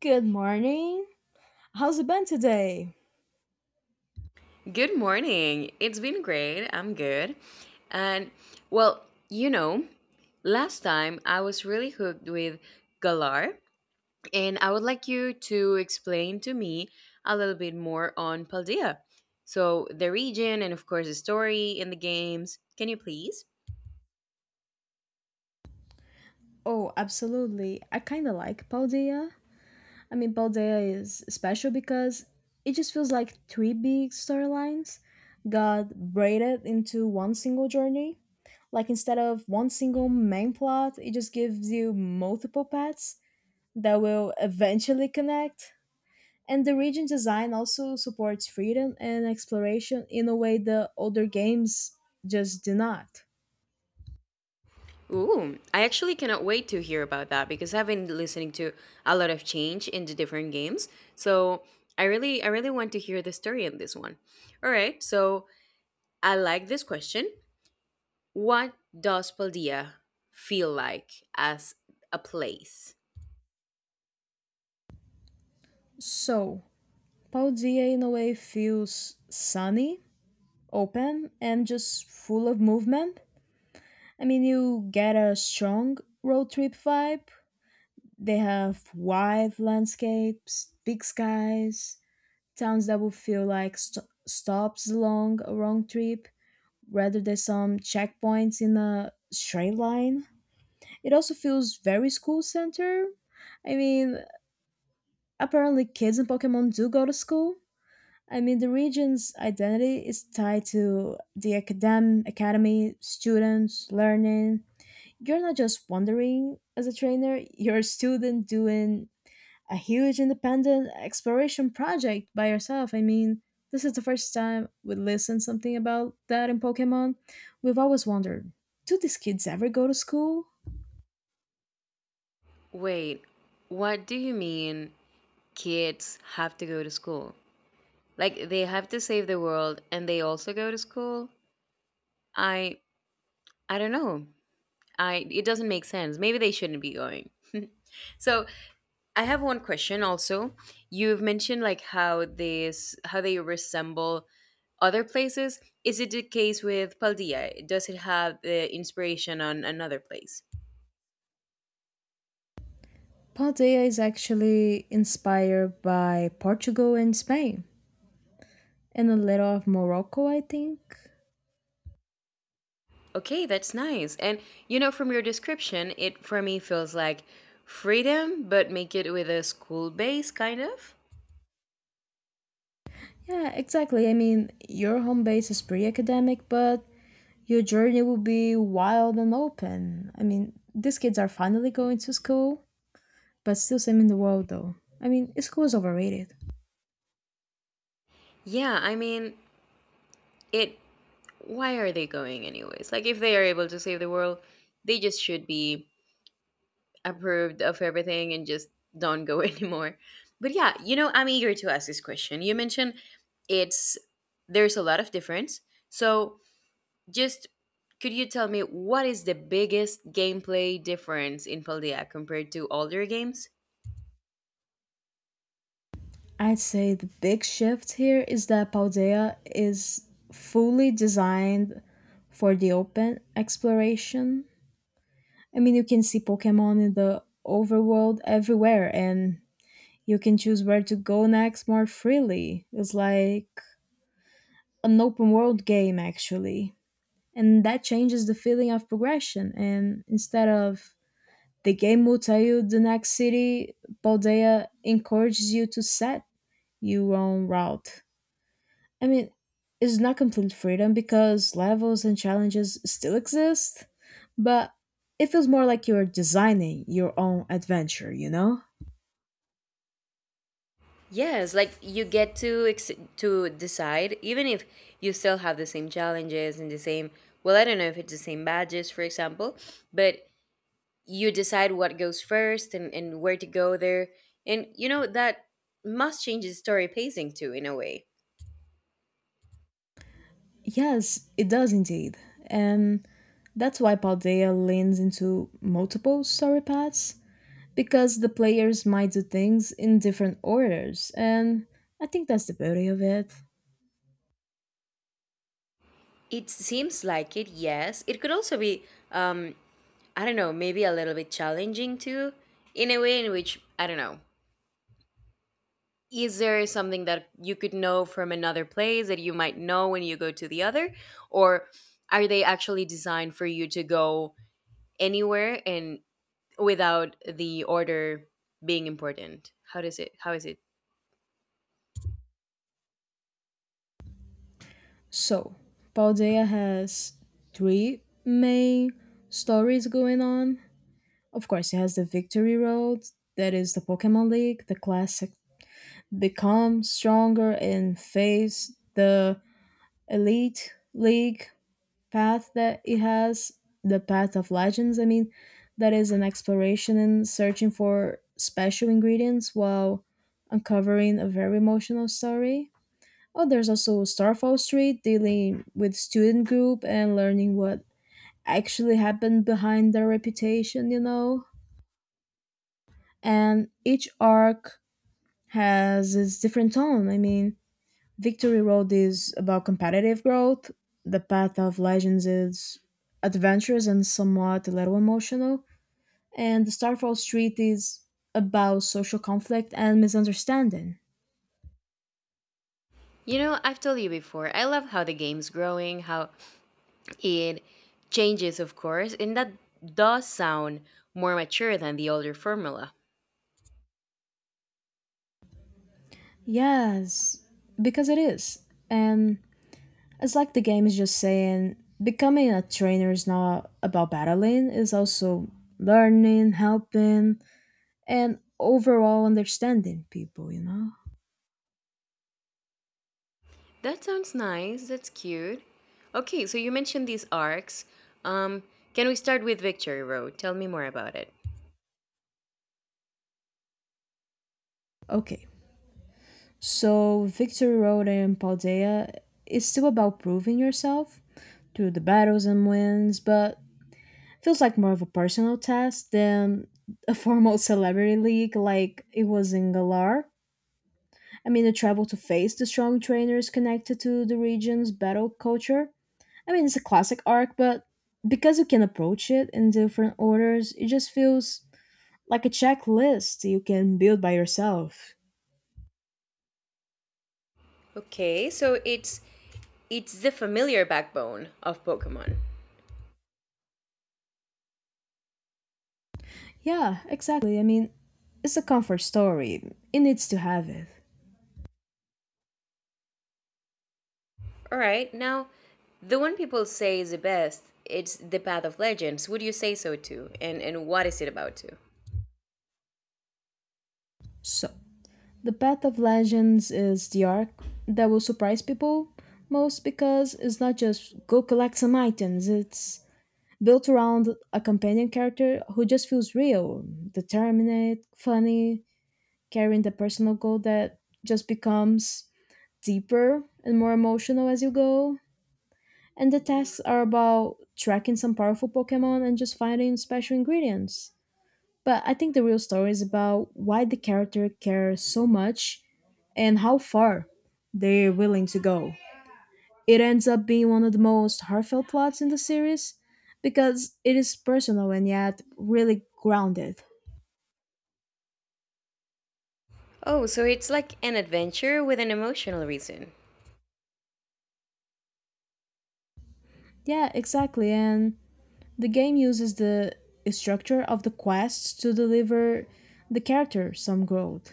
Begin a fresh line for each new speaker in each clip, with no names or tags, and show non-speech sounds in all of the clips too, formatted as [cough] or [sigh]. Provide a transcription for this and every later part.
Good morning. How's it been today?
Good morning. It's been great. I'm good. And well, last time I was really hooked with Galar, and I would like you to explain to me a little bit more on Paldea. So, the region and of course the story in the games. Can you please?
Oh, absolutely. I kind of like Paldea. I mean, Paldea is special because it just feels like three big storylines got braided into one single journey. Like instead of one single main plot, it just gives you multiple paths that will eventually connect. And the region design also supports freedom and exploration in a way the older games just do not.
Ooh, I actually cannot wait to hear about that because I've been listening to a lot of change in the different games. So, I really want to hear the story in this one. All right. So, I like this question. What does Paldea feel like as a place?
So, Paldea in a way feels sunny, open, and just full of movement. I mean, you get a strong road trip vibe. They have wide landscapes, big skies, towns that will feel like stops along a wrong trip rather than some checkpoints in a straight line. It also feels very school center. I mean, apparently kids in Pokemon do go to school. I mean, the region's identity is tied to the academy, students, learning. You're not just wandering as a trainer, you're a student doing a huge independent exploration project by yourself. I mean, this is the first time we listen something about that in Pokemon. We've always wondered, do these kids ever go to school?
Wait, what do you mean kids have to go to school? Like they have to save the world and they also go to school? I I don't know. I it doesn't make sense. Maybe they shouldn't be going. [laughs] So I have one question also. You've mentioned like how they resemble other places. Is it the case with Paldea? Does it have the inspiration on another place?
Paldea is actually inspired by Portugal and Spain and a little of Morocco, I think.
Okay, that's nice. And from your description, it for me feels like freedom, but make it with a school base kind of.
Yeah, exactly. I mean, your home base is pretty academic, but your journey will be wild and open. I mean, these kids are finally going to school, but still same in the world though. I mean, school is overrated.
Yeah, I mean, it. Why are they going anyways? Like, if they are able to save the world, they just should be approved of everything and just don't go [laughs] anymore. But yeah, I'm eager to ask this question. You mentioned it's there's a lot of difference. So just could you tell me what is the biggest gameplay difference in Paldea compared to older games?
I'd say the big shift here is that Paldea is fully designed for the open exploration. I mean, you can see Pokemon in the overworld everywhere, and you can choose where to go next more freely. It's like an open world game actually, and that changes the feeling of progression. And instead of the game will tell you the next city, Baldea encourages you to set your own route. I mean, it's not complete freedom because levels and challenges still exist, but it feels more like you're designing your own adventure.
Yes, like you get to to decide, even if you still have the same challenges and the same. Well, I don't know if it's the same badges, for example, but you decide what goes first and where to go there. And that must change the story pacing too, in a way.
Yes, it does indeed. And that's why Paldea leans into multiple story paths because the players might do things in different orders, and I think that's the beauty of it.
It seems like it, yes. It could also be, um, I don't know, maybe a little bit challenging too, in a way in which, I don't know. Is there something that you could know from another place that you might know when you go to the other? Or are they actually designed for you to go anywhere and without the order being important? How is it?
So, Paldea has three main stories going on. Of course, it has the Victory Road, that is the Pokemon League, the classic Become Stronger and Face the Elite League, path that it has, the path of legends. I mean, that is an exploration and searching for special ingredients while uncovering a very emotional story. Oh, there's also Starfall Street, dealing with student group and learning what actually happened behind their reputation. And each arc has its different tone. I mean, Victory Road is about competitive growth. The Path of Legends is adventurous and somewhat a little emotional. And the Starfall Street is about social conflict and misunderstanding.
I've told you before, I love how the game's growing, how it changes, of course, and that does sound more mature than the older formula.
Yes, because it is. And it's like the game is just saying becoming a trainer is not about battling, it's also learning, helping, and overall understanding people, you know?
That sounds nice, that's cute. Okay, so you mentioned these arcs. Um, can we start with Victory Road? Tell me more about it.
Okay, so Victory Road and Paldea is still about proving yourself through the battles and wins, but feels like more of a personal test than a formal [laughs] celebrity league like it was in Galar. I mean, the travel to face the strong trainers connected to the region's battle culture. I mean, it's a classic arc, but because you can approach it in different orders, it just feels like a checklist you can build by yourself.
Okay, so it's the familiar backbone of Pokemon.
Yeah, exactly. I mean, it's a comfort story. It needs to have it.
All right, now the one people say is the best, it's the Path of Legends. Would you say so too? And what is it about too?
So, the path of legends is the arc that will surprise people most because it's not just go collect some items, it's built around a companion character who just feels real, determinate, funny, carrying the personal goal that just becomes deeper and more emotional as you go. And the tasks are about tracking some powerful Pokemon and just finding special ingredients. But I think the real story is about why the character cares so much and how far they're willing to go. It ends up being one of the most heartfelt plots in the series because it is personal and yet really grounded.
Oh, so it's like an adventure with an emotional reason.
Yeah, exactly. And the game uses the structure of the quests to deliver the character some growth.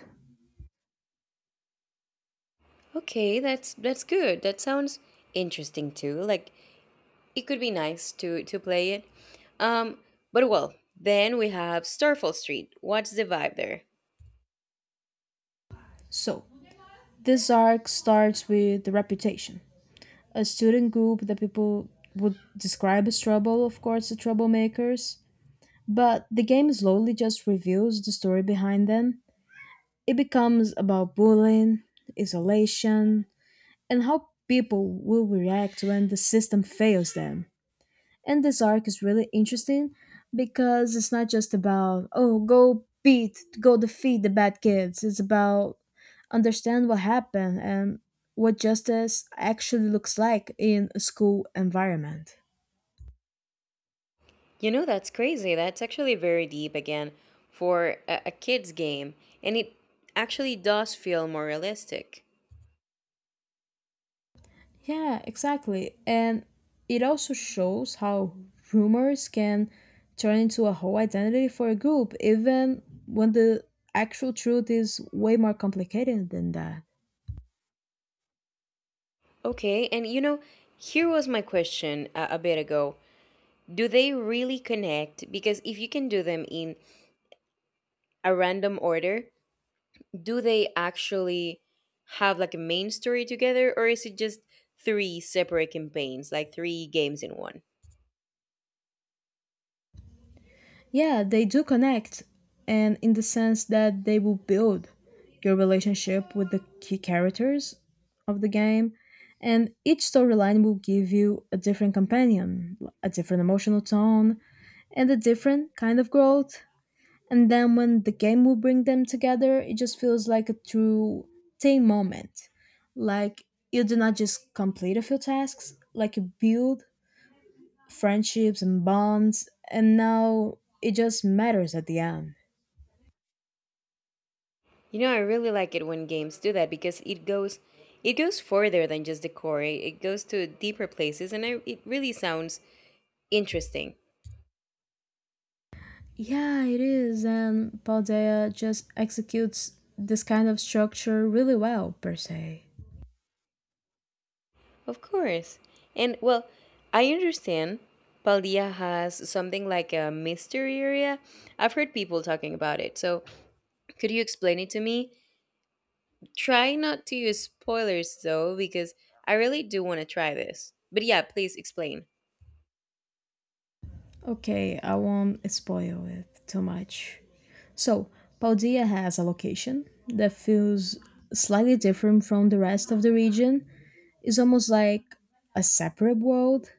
Okay, that's good. That sounds interesting too. Like it could be nice to play it. Um, but well, then we have Starfall Street. What's the vibe there?
So, this arc starts with the reputation a student group that people would describe as trouble, of course, the troublemakers. But the game slowly just reveals the story behind them. It becomes about bullying, isolation, and how people will react when the system fails them. And this arc is really interesting because it's not just about, oh, go defeat the bad kids. It's about understand what happened and what justice actually looks like in a school environment.
That's crazy. That's actually very deep again for a kids game, and it actually does feel more realistic.
Yeah, exactly. And it also shows how rumors can turn into a whole identity for a group, even when the actual truth is way more complicated than that.
Okay, and here was my question a bit ago. Do they really connect? Because if you can do them in a random order, do they actually have like a main story together or is it just three separate campaigns, like three games in one?
Yeah, they do connect, and in the sense that they will build your relationship with the key characters of the game, and each storyline will give you a different companion, a different emotional tone, and a different kind of growth. And then when the game will bring them together, it just feels like a true team moment. Like you do not just complete a few tasks, like you build friendships and bonds, and now it just matters at the end.
I really like it when games do that because it goes further than just the core. It goes to deeper places and it really sounds interesting.
Yeah, it is, and Paldea just executes this kind of structure really well, per se.
Of course. And well, I understand Paldea has something like a mystery area. I've heard people talking about it. So, could you explain it to me? Try not to use spoilers though, because I really do want to try this. But yeah, please explain.
Okay, I won't spoil it too much. So, Paldea has a location that feels slightly different from the rest of the region. It's almost like a separate world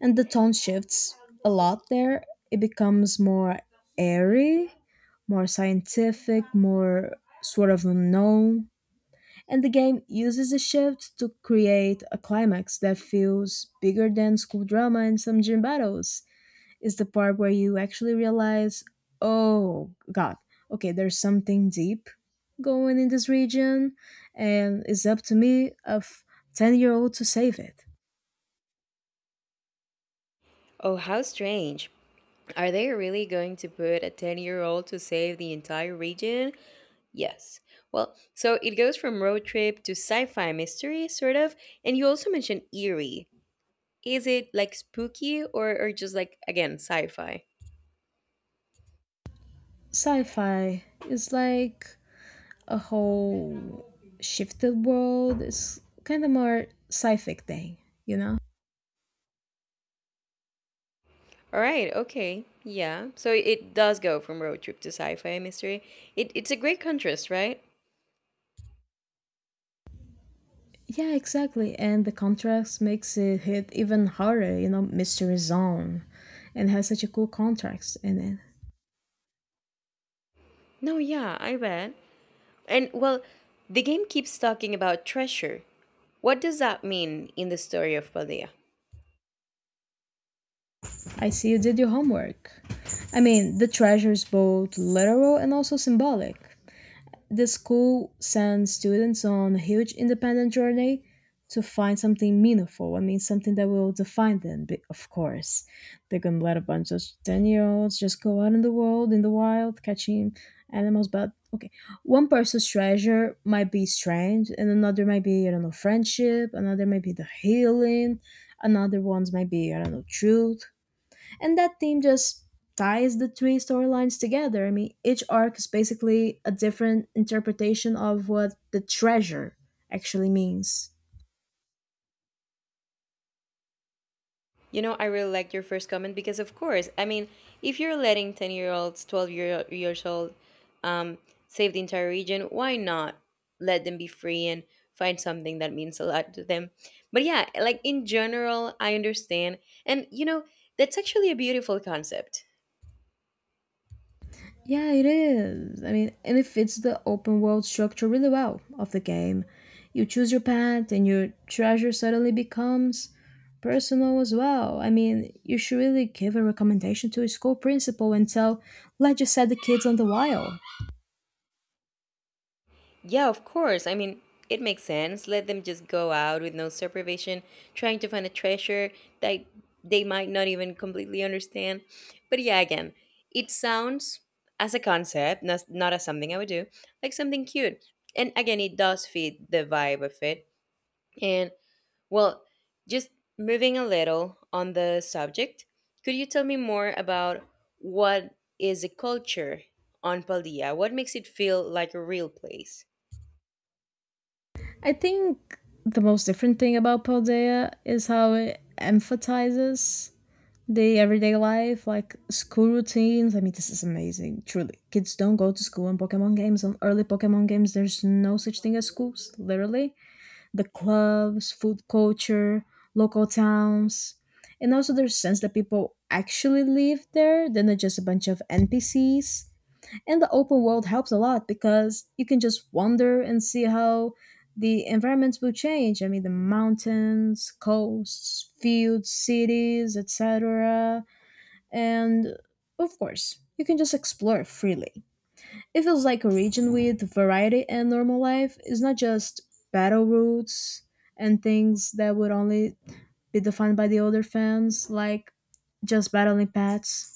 and the tone shifts a lot there. It becomes more airy, more scientific, more sort of unknown. And the game uses the shift to create a climax that feels bigger than school drama and some gym battles. Is the part where you actually realize, oh god, okay, there's something deep going in this region, and it's up to me, a 10-year-old year old, to save it.
Oh, how strange. Are they really going to put a 10-year-old to save the entire region? Yes. Well, so it goes from road trip to sci fi mystery, sort of, and you also mentioned eerie. Is it like spooky or just like, again, sci fi?
Sci fi is like a whole shifted world. It's kind of more sci-fic thing, you know?
All right, okay, yeah. So it does go from road trip to sci fi mystery. It's a great contrast, right?
Yeah, exactly. And the contrast makes it hit even harder, Mystery Zone. And has such a cool contrast in it.
No, yeah, I bet. And well, the game keeps talking about treasure. What does that mean in the story of Paldea?
I see you did your homework. I mean, the treasure is both literal and also symbolic. The school sends students on a huge independent journey to find something meaningful. I mean, something that will define them, but of course. They're going to let a bunch of 10-year-olds year olds just go out in the world, in the wild, catching animals. But okay, one person's treasure might be strange, and another might be, I don't know, friendship, another might be the healing, another ones might be, I don't know, truth. And that theme just ties the three storylines together. I mean, each arc is basically a different interpretation of what the treasure actually means.
I really like your first comment because, of course, I mean, if you're letting 10-year-olds, 12 years old, um, save the entire region, why not let them be free and find something that means a lot to them? But yeah, like in general, I understand. And, that's actually a beautiful concept.
Yeah, it is. I mean, and it fits the open world structure really well of the game. You choose your path, and your treasure suddenly becomes personal as well. I mean, you should really give a recommendation to a school principal and tell, let you set the kids on the wild.
Yeah, of course. I mean, it makes sense. Let them just go out with no supervision, trying to find a treasure that they might not even completely understand. But yeah, again, it sounds as a concept, not as something I would do, like something cute. And again, it does fit the vibe of it. And well, just moving a little on the subject, could you tell me more about what is the culture on Paldea? What makes it feel like a real place?
I think the most different thing about Paldea is how it emphasizes the everyday life, like school routines. I mean, this is amazing. Truly, kids don't go to school in Pokemon games. On early Pokemon games, there's no such thing as schools, literally. The clubs, food culture, local towns. And also, there's a sense that people actually live there, then they're not just a bunch of NPCs. And the open world helps a lot because you can just wander and see how the environments will change. I mean, the mountains, coasts, fields, cities, etc. And of course, you can just explore freely. It feels like a region with variety and normal life is not just battle routes and things that would only be defined by the older fans, like just battling pets.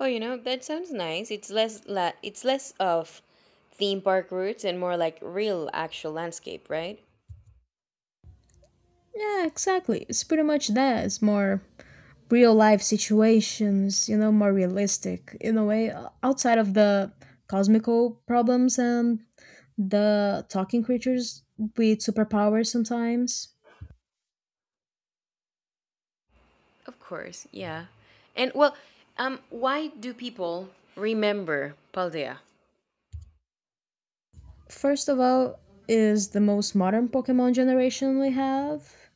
Oh, that sounds nice. It's less la it's less of theme park routes and more like real actual landscape, right?
Yeah, exactly. It's pretty much that. It's more real life situations, more realistic in a way, outside of the cosmical problems and the talking creatures with superpowers sometimes.
Of course, yeah. And well, why do people remember Paldea?
First of all, is the most modern Pokemon generation we have,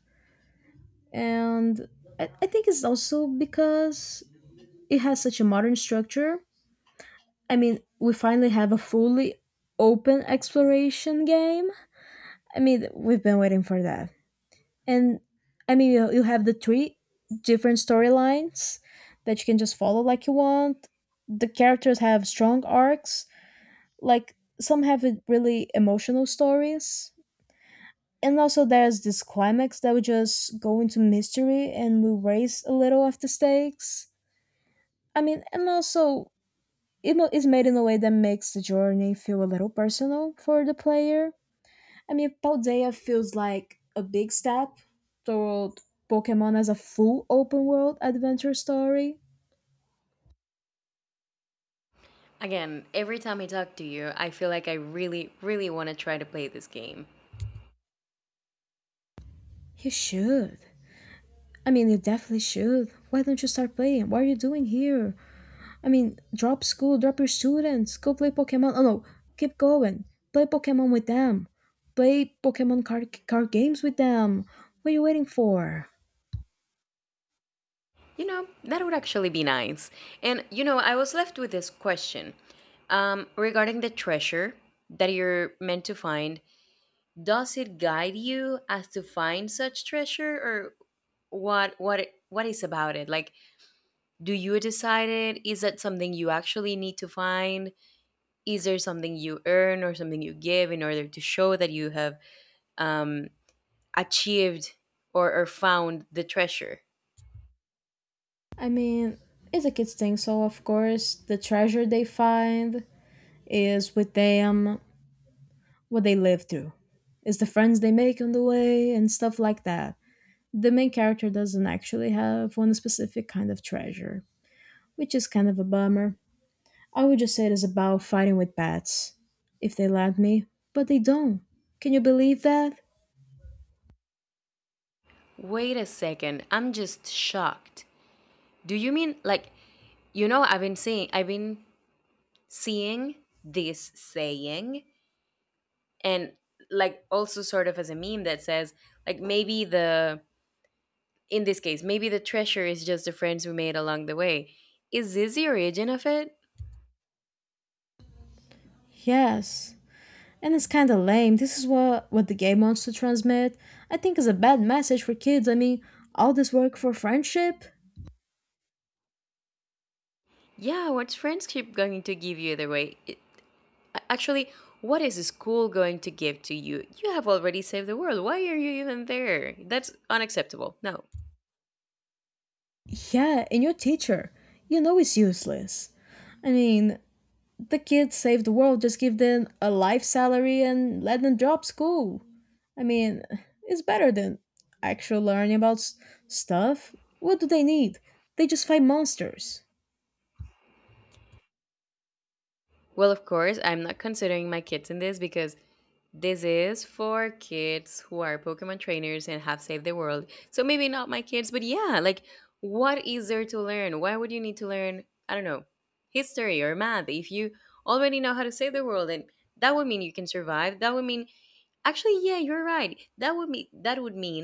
and I think it's also because it has such a modern structure. I mean, we finally have a fully open exploration game. I mean, we've been waiting for that. And I mean, you have the three different storylines that you can just follow like you want. The characters have strong arcs, like some have it really emotional stories. And also there's this climax that would just go into mystery and will raise a little of the stakes. I mean, and also it's made in a way that makes the journey feel a little personal for the player. I mean, Paldea feels like a big step toward Pokemon as a full open world adventure story.
Again, every time I talk to you, I feel like I really, really want to try to play this game.
You should. I mean, you definitely should. Why don't you start playing? What are you doing here? I mean, drop school, drop your students, go play Pokemon. Oh no, keep going. Play Pokemon with them. Play Pokemon card games with them. What are you waiting for?
That would actually be nice. And I was left with this question, regarding the treasure that you're meant to find. Does it guide you as to find such treasure, or what is about it? Like, do you decide it? Is that something you actually need to find? Is there something you earn or something you give in order to show that you have, um, achieved or found the treasure?
I mean, it's a kid's thing, so of course, the treasure they find is with them, what they live through. It's the friends they make on the way and stuff like that. The main character doesn't actually have one specific kind of treasure, which is kind of a bummer. I would just say it is about fighting with bats, if they let me, but they don't. Can you believe that?
Wait a second. I'm just shocked. Do you mean, like, I've been seeing this saying, and like also sort of as a meme that says, like, maybe the in this case maybe the treasure is just the friends we made along the way? Is this the origin of it?
Yes. And it's kinda lame. This is what the game wants to transmit. I think it's a bad message for kids. I mean, all this work for friendship?
Yeah, what's friendship going to give you either way? Actually, what is school going to give to you? You have already saved the world. Why are you even there? That's unacceptable. No.
Yeah, and your teacher. You know it's useless. I mean, the kids save the world, just give them a life salary and let them drop school. I mean, it's better than actual learning about stuff. What do they need? They just fight monsters.
Well, of course, I'm not considering my kids in this, because this is for kids who are Pokemon trainers and have saved the world. So maybe not my kids, but yeah, like, what is there to learn? Why would you need to learn, I don't know, history or math if you already know how to save the world, and that would mean you can survive. That would mean, actually, yeah, you're right. That would mean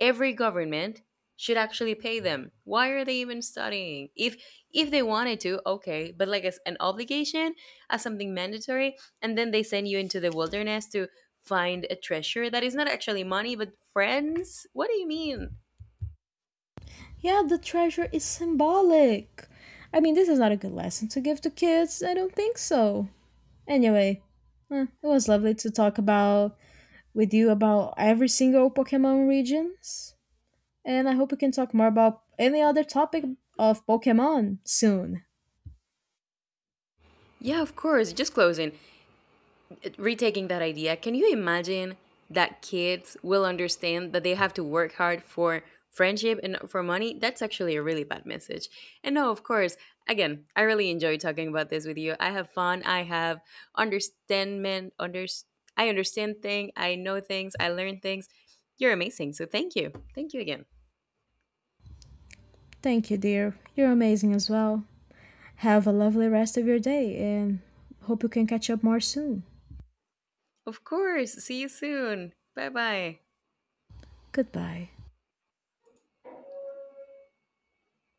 every government should actually pay them. Why are they even studying? If they wanted to, okay, but like as an obligation, as something mandatory, and then they send you into the wilderness to find a treasure that is not actually money but friends. What do you mean?
Yeah, the treasure is symbolic. I mean, this is not a good lesson to give to kids. I don't think so. Anyway, it was lovely to talk about with you about every single Pokemon regions, and I hope we can talk more about any other topic of Pokemon soon.
Yeah, of course. Just closing, retaking that idea, can you imagine that kids will understand that they have to work hard for friendship and not for money? That's actually a really bad message. And no, of course. Again, I really enjoy talking about this with you. I have fun. Understandment under I understand things. I know things. I learn things. You're amazing. So thank you, thank you again.
Thank you, dear. You're amazing as well. Have a lovely rest of your day and hope you can catch up more soon.
Of course. See you soon. Bye bye.
Goodbye.